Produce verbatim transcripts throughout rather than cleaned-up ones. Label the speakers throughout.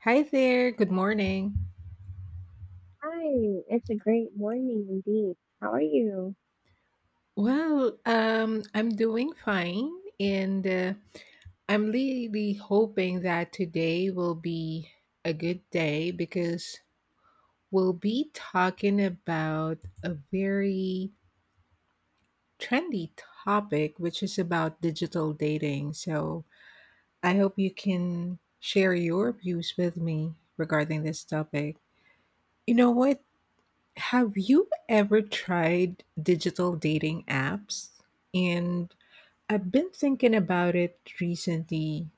Speaker 1: Hi there. Good morning.
Speaker 2: Hi, it's a great morning indeed. How are you?
Speaker 1: Well, um, I'm doing fine, and uh, I'm really hoping that today will be a good day because we'll be talking about a very trendy topic, which is about digital dating. So I hope you can share your views with me regarding this topic. You know what? Have you ever tried digital dating apps? And I've been thinking about it recently,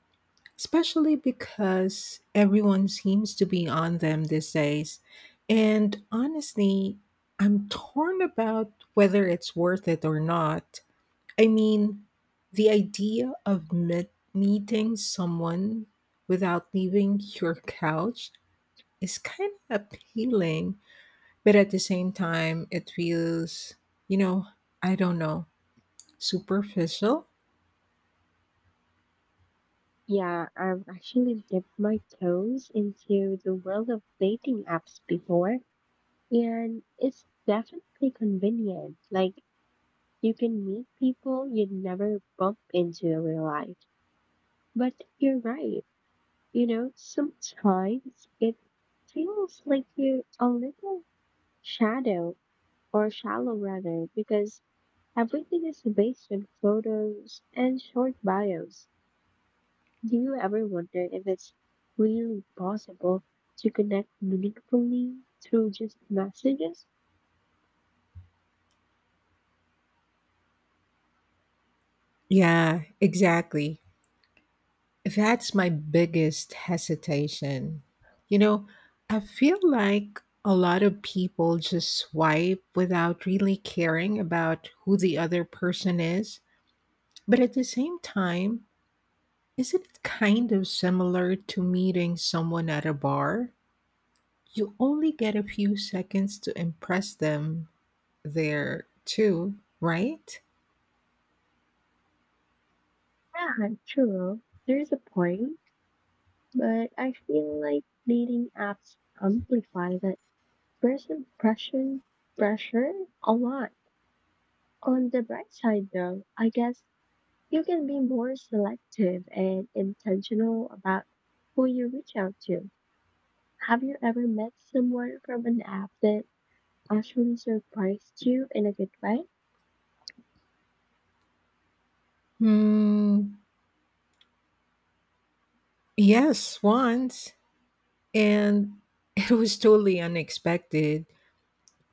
Speaker 1: especially because everyone seems to be on them these days. And honestly, I'm torn about whether it's worth it or not. I mean, the idea of met- meeting someone without leaving your couch is kind of appealing, but at the same time, it feels, you know, I don't know, superficial?
Speaker 2: Yeah, I've actually dipped my toes into the world of dating apps before, and it's definitely convenient. Like, you can meet people you'd never bump into in real life. But you're right, you know, sometimes it feels like you're a little shadow or shallow rather, because everything is based on photos and short bios. Do you ever wonder if it's really possible to connect meaningfully through just messages?
Speaker 1: Yeah, exactly. That's my biggest hesitation. You know, I feel like a lot of people just swipe without really caring about who the other person is. But at the same time, isn't it kind of similar to meeting someone at a bar? You only get a few seconds to impress them there too, right?
Speaker 2: Yeah, true. There is a point, but I feel like dating apps amplify that first impression pressure a lot. On the bright side, though, I guess you can be more selective and intentional about who you reach out to. Have you ever met someone from an app that actually surprised you in a good way?
Speaker 1: Mm, yes, once. And it was totally unexpected.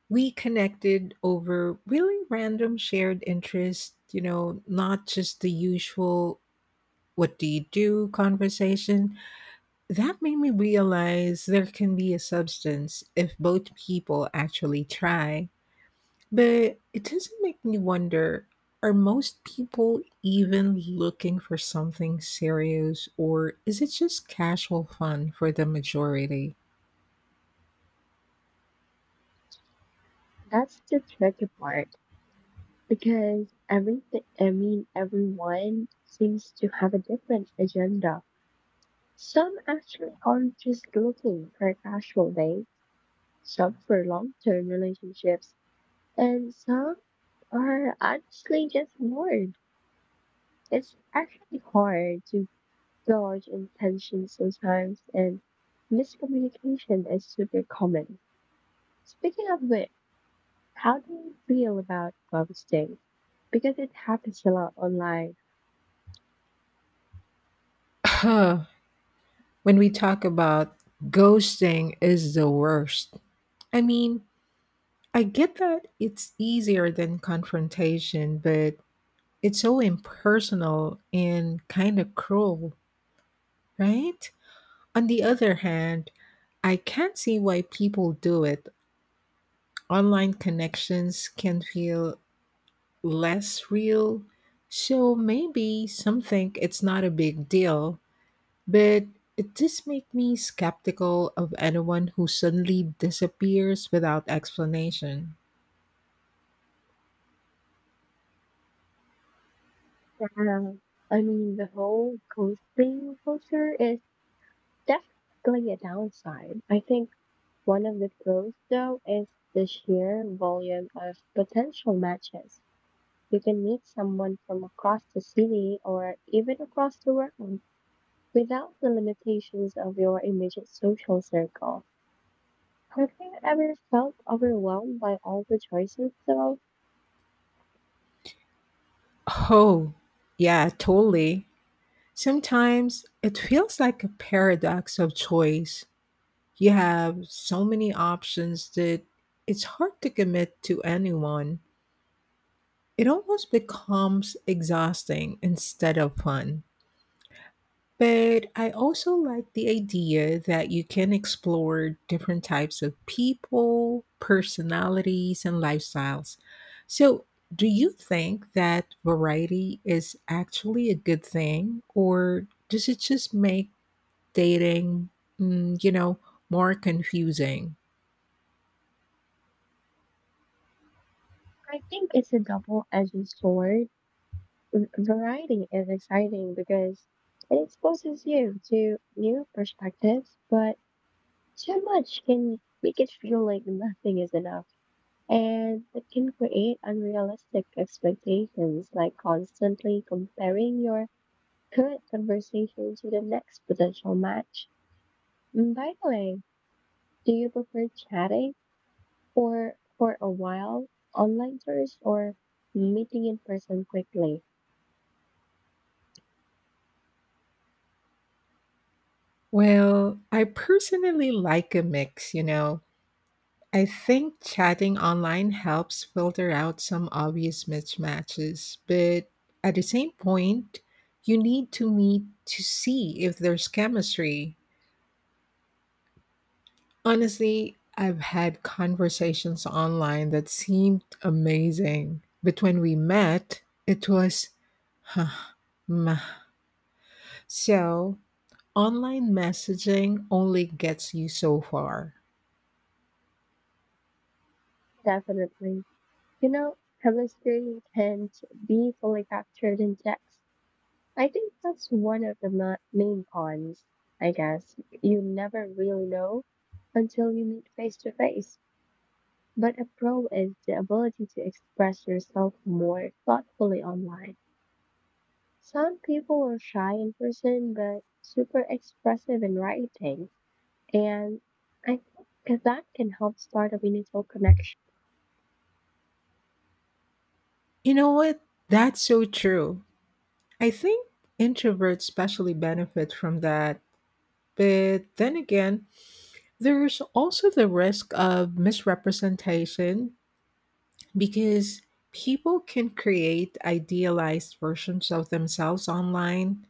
Speaker 1: We connected over really random shared interests, you know, not just the usual what do you do conversation. That made me realize there can be a substance if both people actually try. But it doesn't make me wonder, are most people even looking for something serious, or is it just casual fun for the majority?
Speaker 2: That's the tricky part because everything, I mean, everyone seems to have a different agenda. Some actually aren't just looking for a casual date, some for long term relationships, and some are honestly just bored. It's actually hard to gauge intentions sometimes, and miscommunication is super common. Speaking of which, how do you feel about ghosting? Because it happens a lot online.
Speaker 1: Huh. When we talk about ghosting, is the worst. I mean, I get that it's easier than confrontation, but it's so impersonal and kind of cruel, right? On the other hand, I can't see why people do it. Online connections can feel less real, so maybe some think it's not a big deal, but it does make me skeptical of anyone who suddenly disappears without explanation.
Speaker 2: Yeah, I mean, the whole ghosting culture is definitely a downside. I think one of the pros, though, is the sheer volume of potential matches. You can meet someone from across the city or even across the world without the limitations of your immediate social circle. Have you ever felt overwhelmed by all the choices, though?
Speaker 1: Oh, yeah, totally. Sometimes it feels like a paradox of choice. You have so many options that it's hard to commit to anyone. It almost becomes exhausting instead of fun. But I also like the idea that you can explore different types of people, personalities, and lifestyles. So, do you think that variety is actually a good thing, or does it just make dating, mm, you know, more confusing?
Speaker 2: I think it's a double-edged sword. V- Variety is exciting because it exposes you to new perspectives, but too much can make it feel like nothing is enough. And it can create unrealistic expectations, like constantly comparing your current conversation to the next potential match. And by the way, do you prefer chatting or for a while online first or meeting in person quickly?
Speaker 1: Well, I personally like a mix, you know, I think chatting online helps filter out some obvious mismatches, but at the same point, you need to meet to see if there's chemistry. Honestly, I've had conversations online that seemed amazing, but when we met, it was, huh, meh. So, online messaging only gets you so far.
Speaker 2: Definitely. You know, chemistry can't be fully captured in text. I think that's one of the ma- main cons, I guess. You never really know until you meet face to face. But a pro is the ability to express yourself more thoughtfully online. Some people are shy in person, but super expressive in writing. And I think that can help start a meaningful connection.
Speaker 1: You know what? That's so true. I think introverts especially benefit from that. But then again, there's also the risk of misrepresentation because people can create idealized versions of themselves online.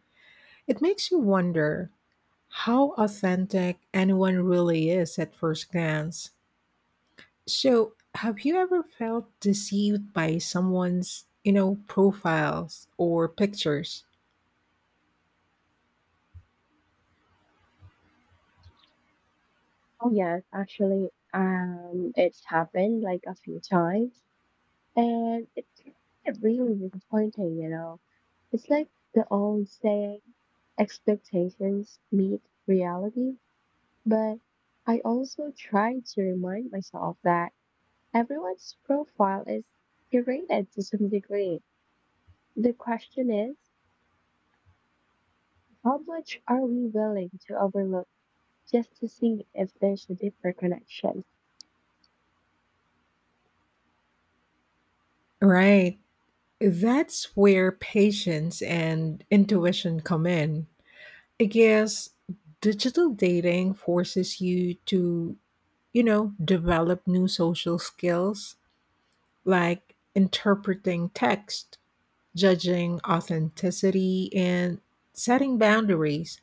Speaker 1: It makes you wonder how authentic anyone really is at first glance. So, have you ever felt deceived by someone's, you know, profiles or pictures?
Speaker 2: Oh yes, actually, um, it's happened like a few times, and it's really disappointing, you know. It's like the old saying, expectations meet reality. But I also try to remind myself that everyone's profile is curated to some degree. The question is, how much are we willing to overlook just to see if there's a deeper connection?
Speaker 1: Right. That's where patience and intuition come in. I guess digital dating forces you to, you know, develop new social skills like interpreting text, judging authenticity, and setting boundaries.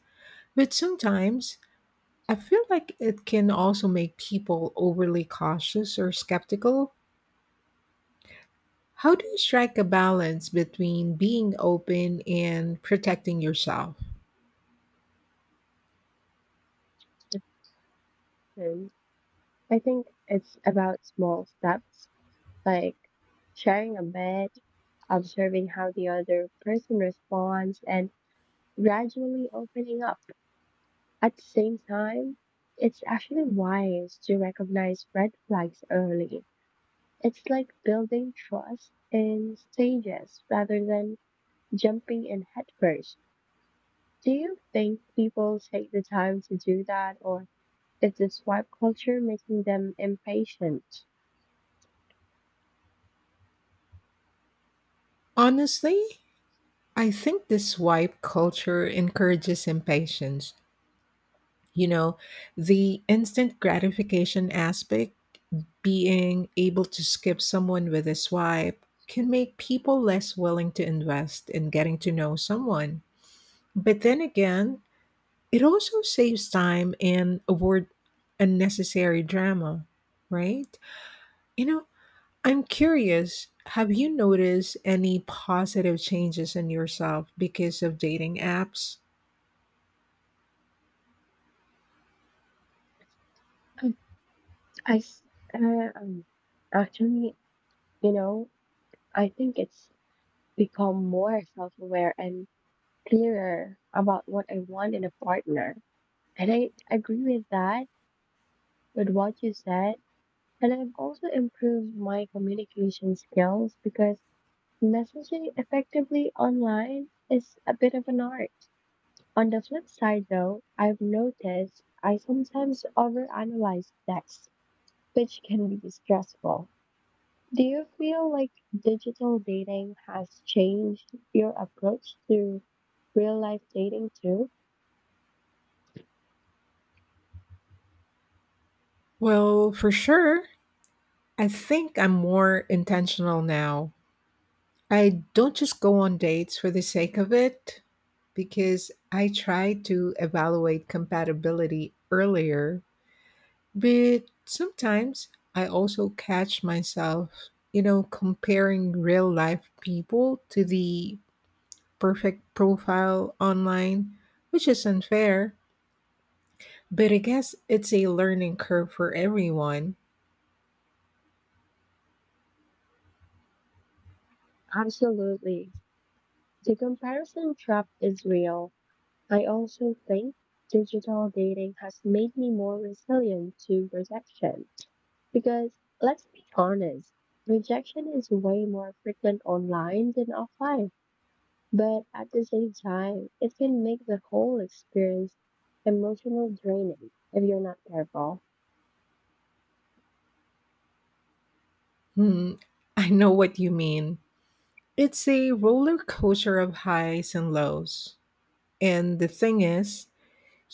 Speaker 1: But sometimes I feel like it can also make people overly cautious or skeptical. How do you strike a balance between being open and protecting yourself?
Speaker 2: I think it's about small steps, like sharing a bit, observing how the other person responds, and gradually opening up. At the same time, it's actually wise to recognize red flags early. It's like building trust in stages rather than jumping in headfirst. Do you think people take the time to do that, or is the swipe culture making them impatient?
Speaker 1: Honestly, I think this swipe culture encourages impatience. You know, the instant gratification aspect, being able to skip someone with a swipe, can make people less willing to invest in getting to know someone. But then again, it also saves time and avoid unnecessary drama, right? You know, I'm curious, have you noticed any positive changes in yourself because of dating apps?
Speaker 2: I s- uh, um, Actually, you know, I think it's become more self-aware and clearer about what I want in a partner. And I agree with that, with what you said. And I've also improved my communication skills because messaging effectively online is a bit of an art. On the flip side, though, I've noticed I sometimes overanalyze texts, which can be stressful. Do you feel like digital dating has changed your approach to real life dating too?
Speaker 1: Well, for sure. I think I'm more intentional now. I don't just go on dates for the sake of it because I try to evaluate compatibility earlier. But sometimes I also catch myself, you know, comparing real life people to the perfect profile online, which is unfair. But I guess it's a learning curve for everyone.
Speaker 2: Absolutely. The comparison trap is real. I also think digital dating has made me more resilient to rejection because let's be honest, rejection is way more frequent online than offline. But at the same time, it can make the whole experience emotional draining if you're not careful.
Speaker 1: Hmm, I know what you mean. It's a roller coaster of highs and lows. And the thing is,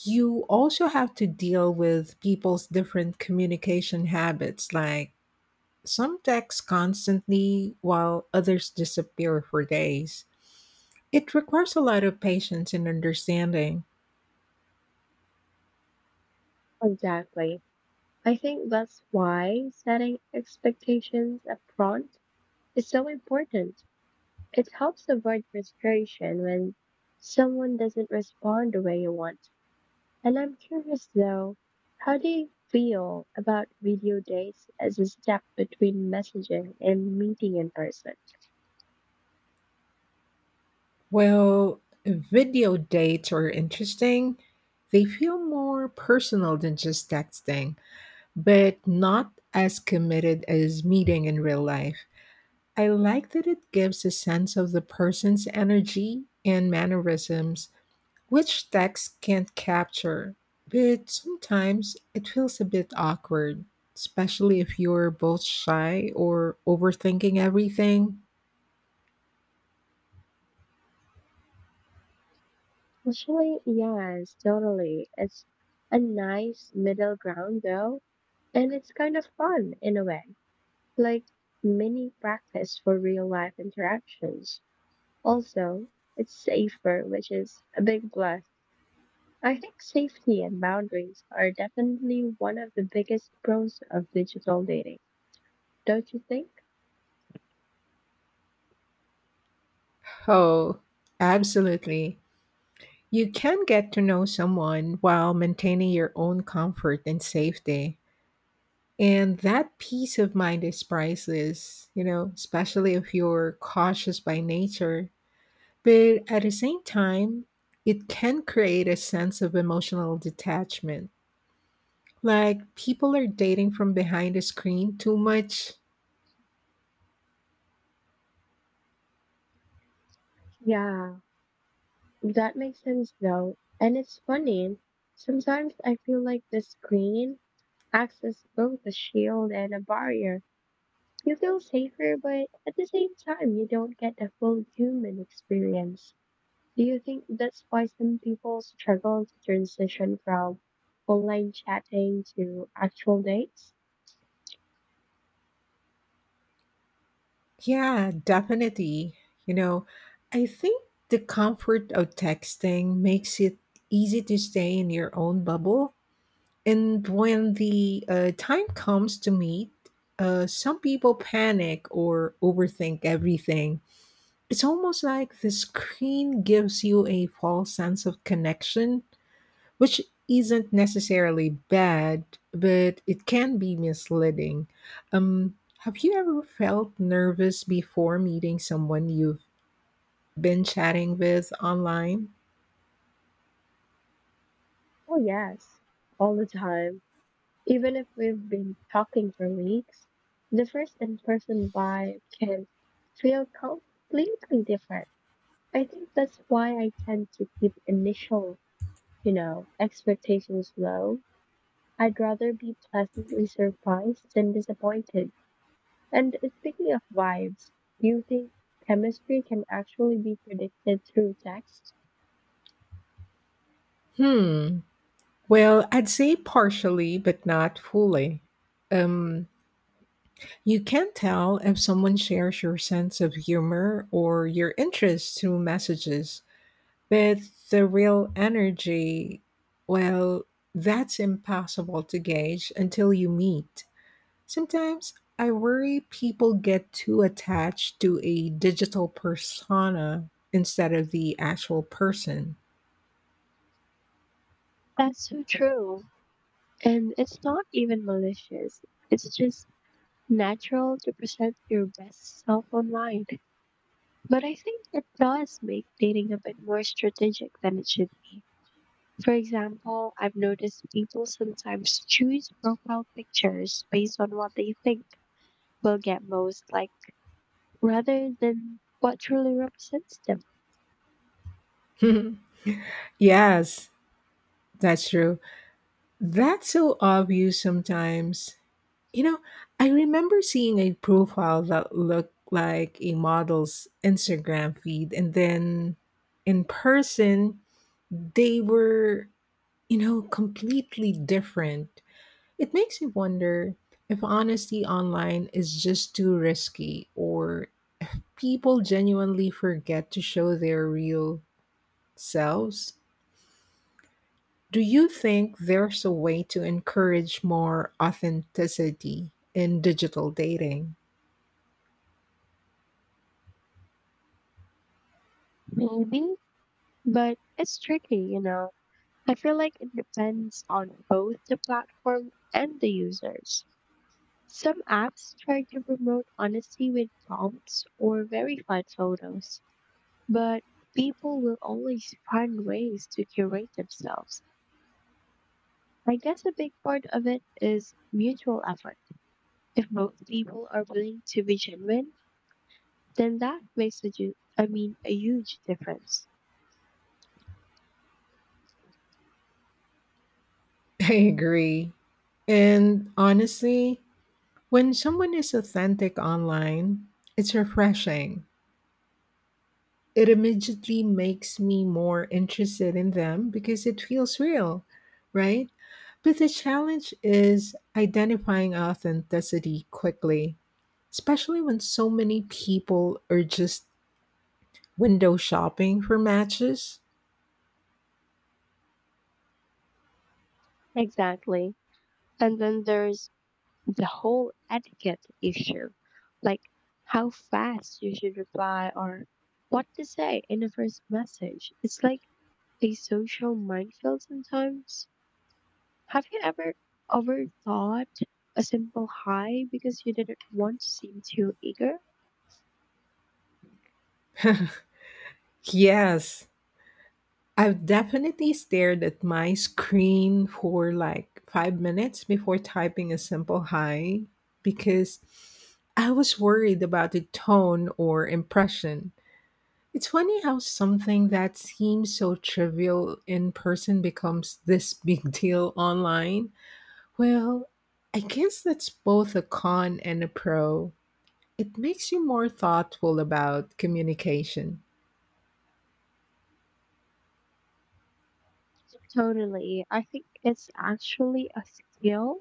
Speaker 1: you also have to deal with people's different communication habits. Like some text constantly while others disappear for days. It requires a lot of patience and understanding.
Speaker 2: Exactly. I think that's why setting expectations upfront is so important. It helps avoid frustration when someone doesn't respond the way you want. And I'm curious though, how do you feel about video dates as a step between messaging and meeting in person?
Speaker 1: Well, video dates are interesting. They feel more personal than just texting, but not as committed as meeting in real life. I like that it gives a sense of the person's energy and mannerisms, which text can't capture. But sometimes it feels a bit awkward, especially if you're both shy or overthinking everything.
Speaker 2: Actually, yes, totally. It's a nice middle ground though, and it's kind of fun in a way. Like mini practice for real life interactions. Also, it's safer, which is a big plus. I think safety and boundaries are definitely one of the biggest pros of digital dating, don't you think?
Speaker 1: Oh, absolutely. You can get to know someone while maintaining your own comfort and safety. And that peace of mind is priceless, you know, especially if you're cautious by nature. But at the same time, it can create a sense of emotional detachment. Like people are dating from behind a screen too much.
Speaker 2: Yeah, that makes sense though. And it's funny, sometimes I feel like the screen acts as both a shield and a barrier. You feel safer, but at the same time, you don't get the full human experience. Do you think that's why some people struggle to transition from online chatting to actual dates?
Speaker 1: Yeah, definitely. You know, I think the comfort of texting makes it easy to stay in your own bubble. And when the uh, time comes to meet, uh, some people panic or overthink everything. It's almost like the screen gives you a false sense of connection, which isn't necessarily bad, but it can be misleading. Um, have you ever felt nervous before meeting someone you've been chatting with online?
Speaker 2: Oh, yes, all the time. Even if we've been talking for weeks, the first in person vibe can feel completely different. I think that's why I tend to keep initial, you know, expectations low. I'd rather be pleasantly surprised than disappointed. And speaking of vibes, do you think chemistry can actually be predicted through text?
Speaker 1: Hmm. Well, I'd say partially, but not fully. Um, You can tell if someone shares your sense of humor or your interests through messages, but the real energy, well, that's impossible to gauge until you meet. Sometimes I worry people get too attached to a digital persona instead of the actual person.
Speaker 2: That's so true. And it's not even malicious. It's just natural to present your best self online. But I think it does make dating a bit more strategic than it should be. For example, I've noticed people sometimes choose profile pictures based on what they think will get most likes rather than what truly represents them.
Speaker 1: Yes, that's true. That's so obvious sometimes. You know, I remember seeing a profile that looked like a model's Instagram feed, and then in person, they were, you know, completely different. It makes me wonder if honesty online is just too risky or people genuinely forget to show their real selves. Do you think there's a way to encourage more authenticity in digital dating?
Speaker 2: Maybe. But it's tricky, you know. I feel like it depends on both the platform and the users. Some apps try to promote honesty with prompts or verified photos, but people will always find ways to curate themselves. I guess a big part of it is mutual effort. If both people are willing to be genuine, then that makes a ju- I mean a huge difference.
Speaker 1: I agree. And honestly, when someone is authentic online, it's refreshing. It immediately makes me more interested in them because it feels real, right? But the challenge is identifying authenticity quickly, especially when so many people are just window shopping for matches.
Speaker 2: Exactly. And then there's the whole etiquette issue, like how fast you should reply or what to say in the first message. It's like a social minefield sometimes. Have you ever overthought a simple hi because you didn't want to seem too eager?
Speaker 1: Yes, I've definitely stared at my screen for like five minutes before typing a simple hi because I was worried about the tone or impression. It's funny how something that seems so trivial in person becomes this big deal online. Well, I guess that's both a con and a pro. It makes you more thoughtful about communication.
Speaker 2: Totally. I think it's actually a skill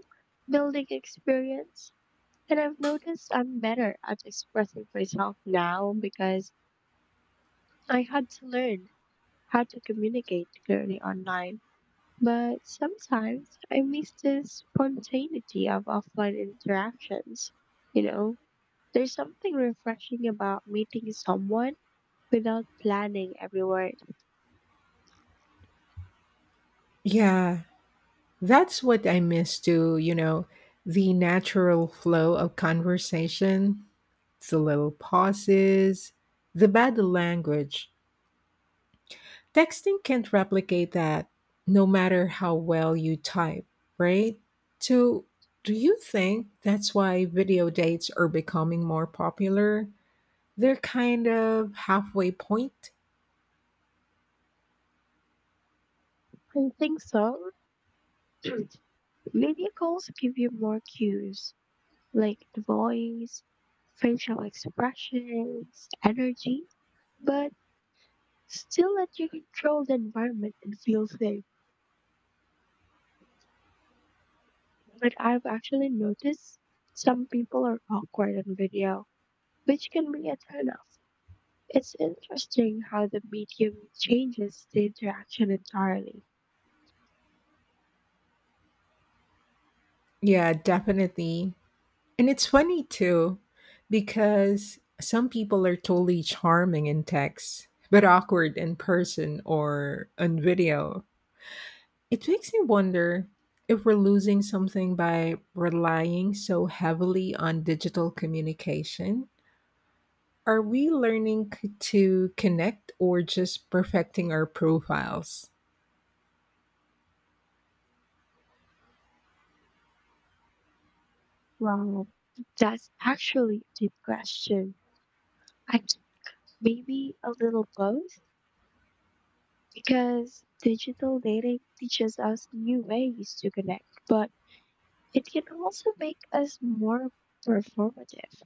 Speaker 2: building experience. And I've noticed I'm better at expressing myself now because I had to learn how to communicate clearly online. But sometimes I miss the spontaneity of offline interactions. You know, there's something refreshing about meeting someone without planning every word.
Speaker 1: Yeah, that's what I miss too, you know, the natural flow of conversation, the little pauses, the bad language. Texting can't replicate that no matter how well you type, right? So, do you think that's why video dates are becoming more popular? They're kind of halfway point.
Speaker 2: I think so. Video calls give you more cues, like the voice, facial expressions, energy, but still let you control the environment and feel safe. But I've actually noticed some people are awkward on video, which can be a turnoff. It's interesting how the medium changes the interaction entirely.
Speaker 1: Yeah, definitely. And it's funny too, because some people are totally charming in text, but awkward in person or on video. It makes me wonder if we're losing something by relying so heavily on digital communication. Are we learning c- to connect or just perfecting our profiles?
Speaker 2: Wow, that's actually a deep question. I think maybe a little both, because digital dating teaches us new ways to connect, but it can also make us more performative.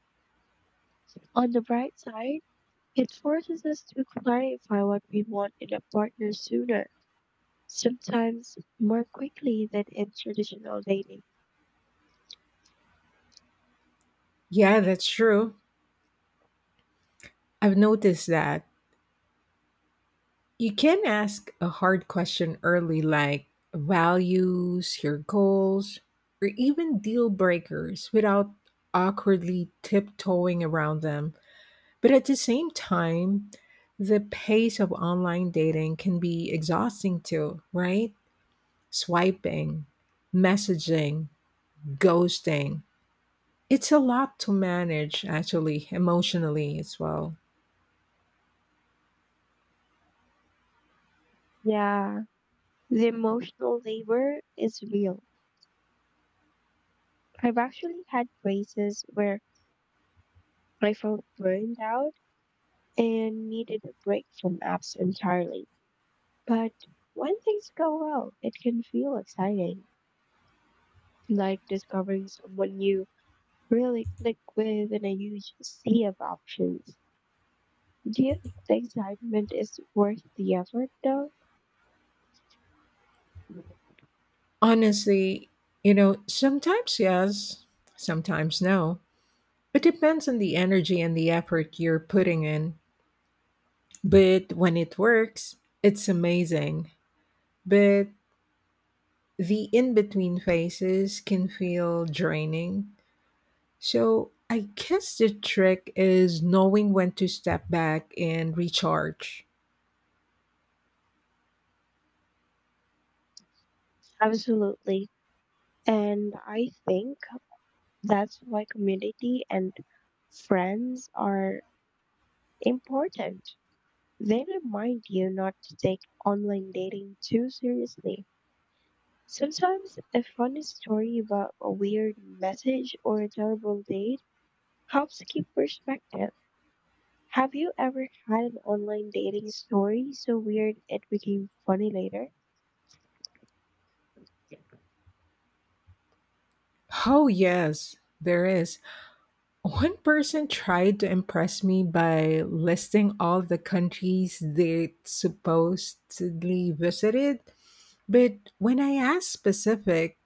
Speaker 2: On the bright side, it forces us to clarify what we want in a partner sooner, sometimes more quickly than in traditional dating.
Speaker 1: Yeah, that's true. I've noticed that. You can ask a hard question early, like values, your goals, or even deal breakers without awkwardly tiptoeing around them. But at the same time, the pace of online dating can be exhausting too, right? Swiping, messaging, ghosting. It's a lot to manage, actually, emotionally as well.
Speaker 2: Yeah, the emotional labor is real. I've actually had phases where I felt burned out and needed a break from apps entirely. But when things go well, it can feel exciting, like discovering someone you really click with in a huge sea of options. Do you think the excitement is worth the effort, though?
Speaker 1: Honestly, you know, sometimes yes, sometimes no. It depends on the energy and the effort you're putting in. But when it works, it's amazing. But the in between phases can feel draining. So I guess the trick is knowing when to step back and recharge.
Speaker 2: Absolutely. And I think that's why community and friends are important. They remind you not to take online dating too seriously. Sometimes a funny story about a weird message or a terrible date helps keep perspective. Have you ever had an online dating story so weird it became funny later?
Speaker 1: Oh, yes, there is. One person tried to impress me by listing all the countries they supposedly visited, but when I asked specific,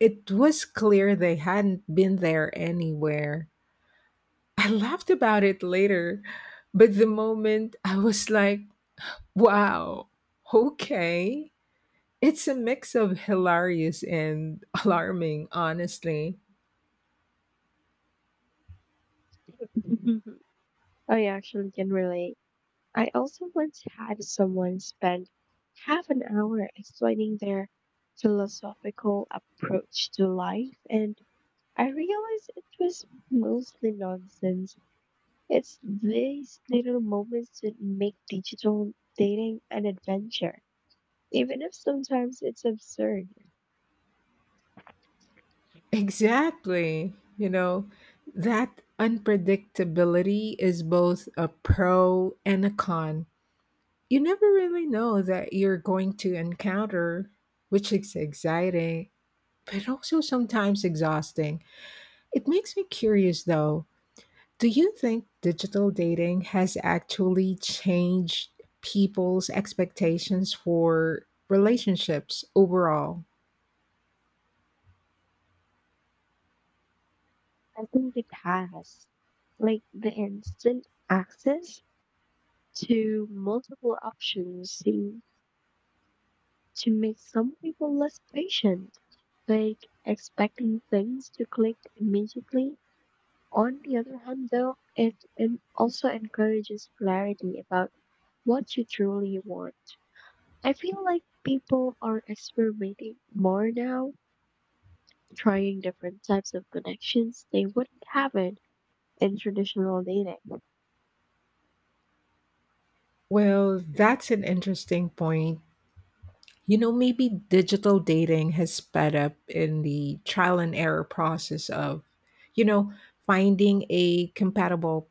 Speaker 1: it was clear they hadn't been there anywhere. I laughed about it later, but the moment I was like, wow, okay. It's a mix of hilarious and alarming, honestly.
Speaker 2: I actually can relate. I also once had someone spend half an hour explaining their philosophical approach to life, and I realized it was mostly nonsense. It's these little moments that make digital dating an adventure, even if sometimes it's absurd.
Speaker 1: Exactly. You know, that unpredictability is both a pro and a con. You never really know that you're going to encounter, which is exciting, but also sometimes exhausting. It makes me curious though. Do you think digital dating has actually changed people's expectations for relationships overall?
Speaker 2: I think it has, like, the instant access to multiple options seems to make some people less patient, like expecting things to click immediately. On the other hand, though, it, it also encourages clarity about what you truly want. I feel like people are experimenting more now, trying different types of connections they wouldn't have it in traditional dating.
Speaker 1: Well, that's an interesting point. You know, maybe digital dating has sped up in the trial and error process of, you know, finding a compatible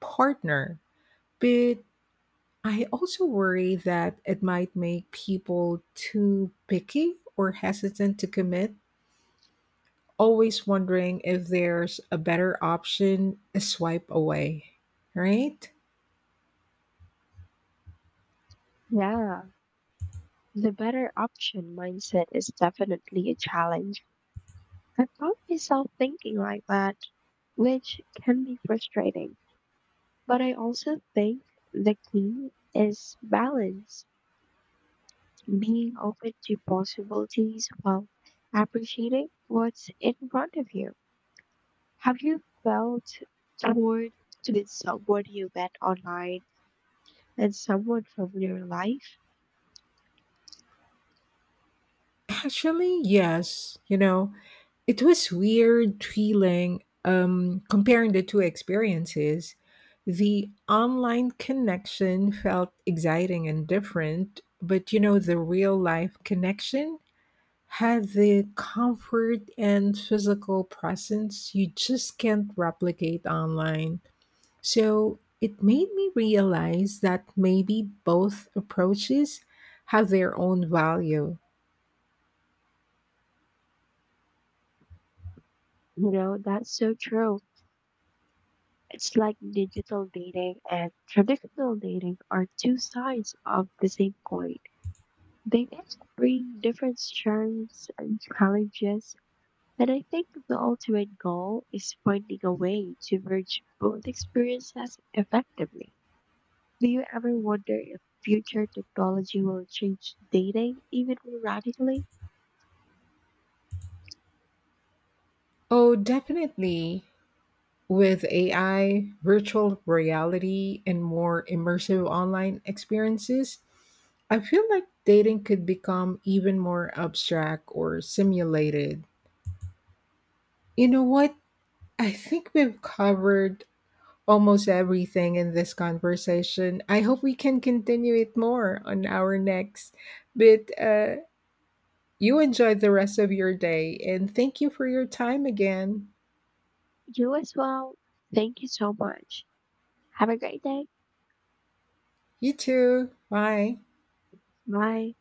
Speaker 1: partner. But I also worry that it might make people too picky or hesitant to commit, always wondering if there's a better option a swipe away, right?
Speaker 2: Yeah, the better option mindset is definitely a challenge. I found myself thinking like that, which can be frustrating. But I also think the key is balance, being open to possibilities while appreciating what's in front of you. Have you felt toward with someone you met online and someone from your life?
Speaker 1: Actually, yes. You know, it was weird feeling um, comparing the two experiences. The online connection felt exciting and different, but you know, the real life connection had the comfort and physical presence you just can't replicate online. So it made me realize that maybe both approaches have their own value.
Speaker 2: You know, that's so true. It's like digital dating and traditional dating are two sides of the same coin. They did bring different strengths and challenges, and I think the ultimate goal is finding a way to merge both experiences effectively. Do you ever wonder if future technology will change dating even more radically?
Speaker 1: Oh, definitely. With A I, virtual reality, and more immersive online experiences, I feel like dating could become even more abstract or simulated. You know what? I think we've covered almost everything in this conversation. I hope we can continue it more on our next. But uh, you enjoy the rest of your day and thank you for your time again.
Speaker 2: You as well. Thank you so much. Have a great day.
Speaker 1: You too. Bye.
Speaker 2: Bye.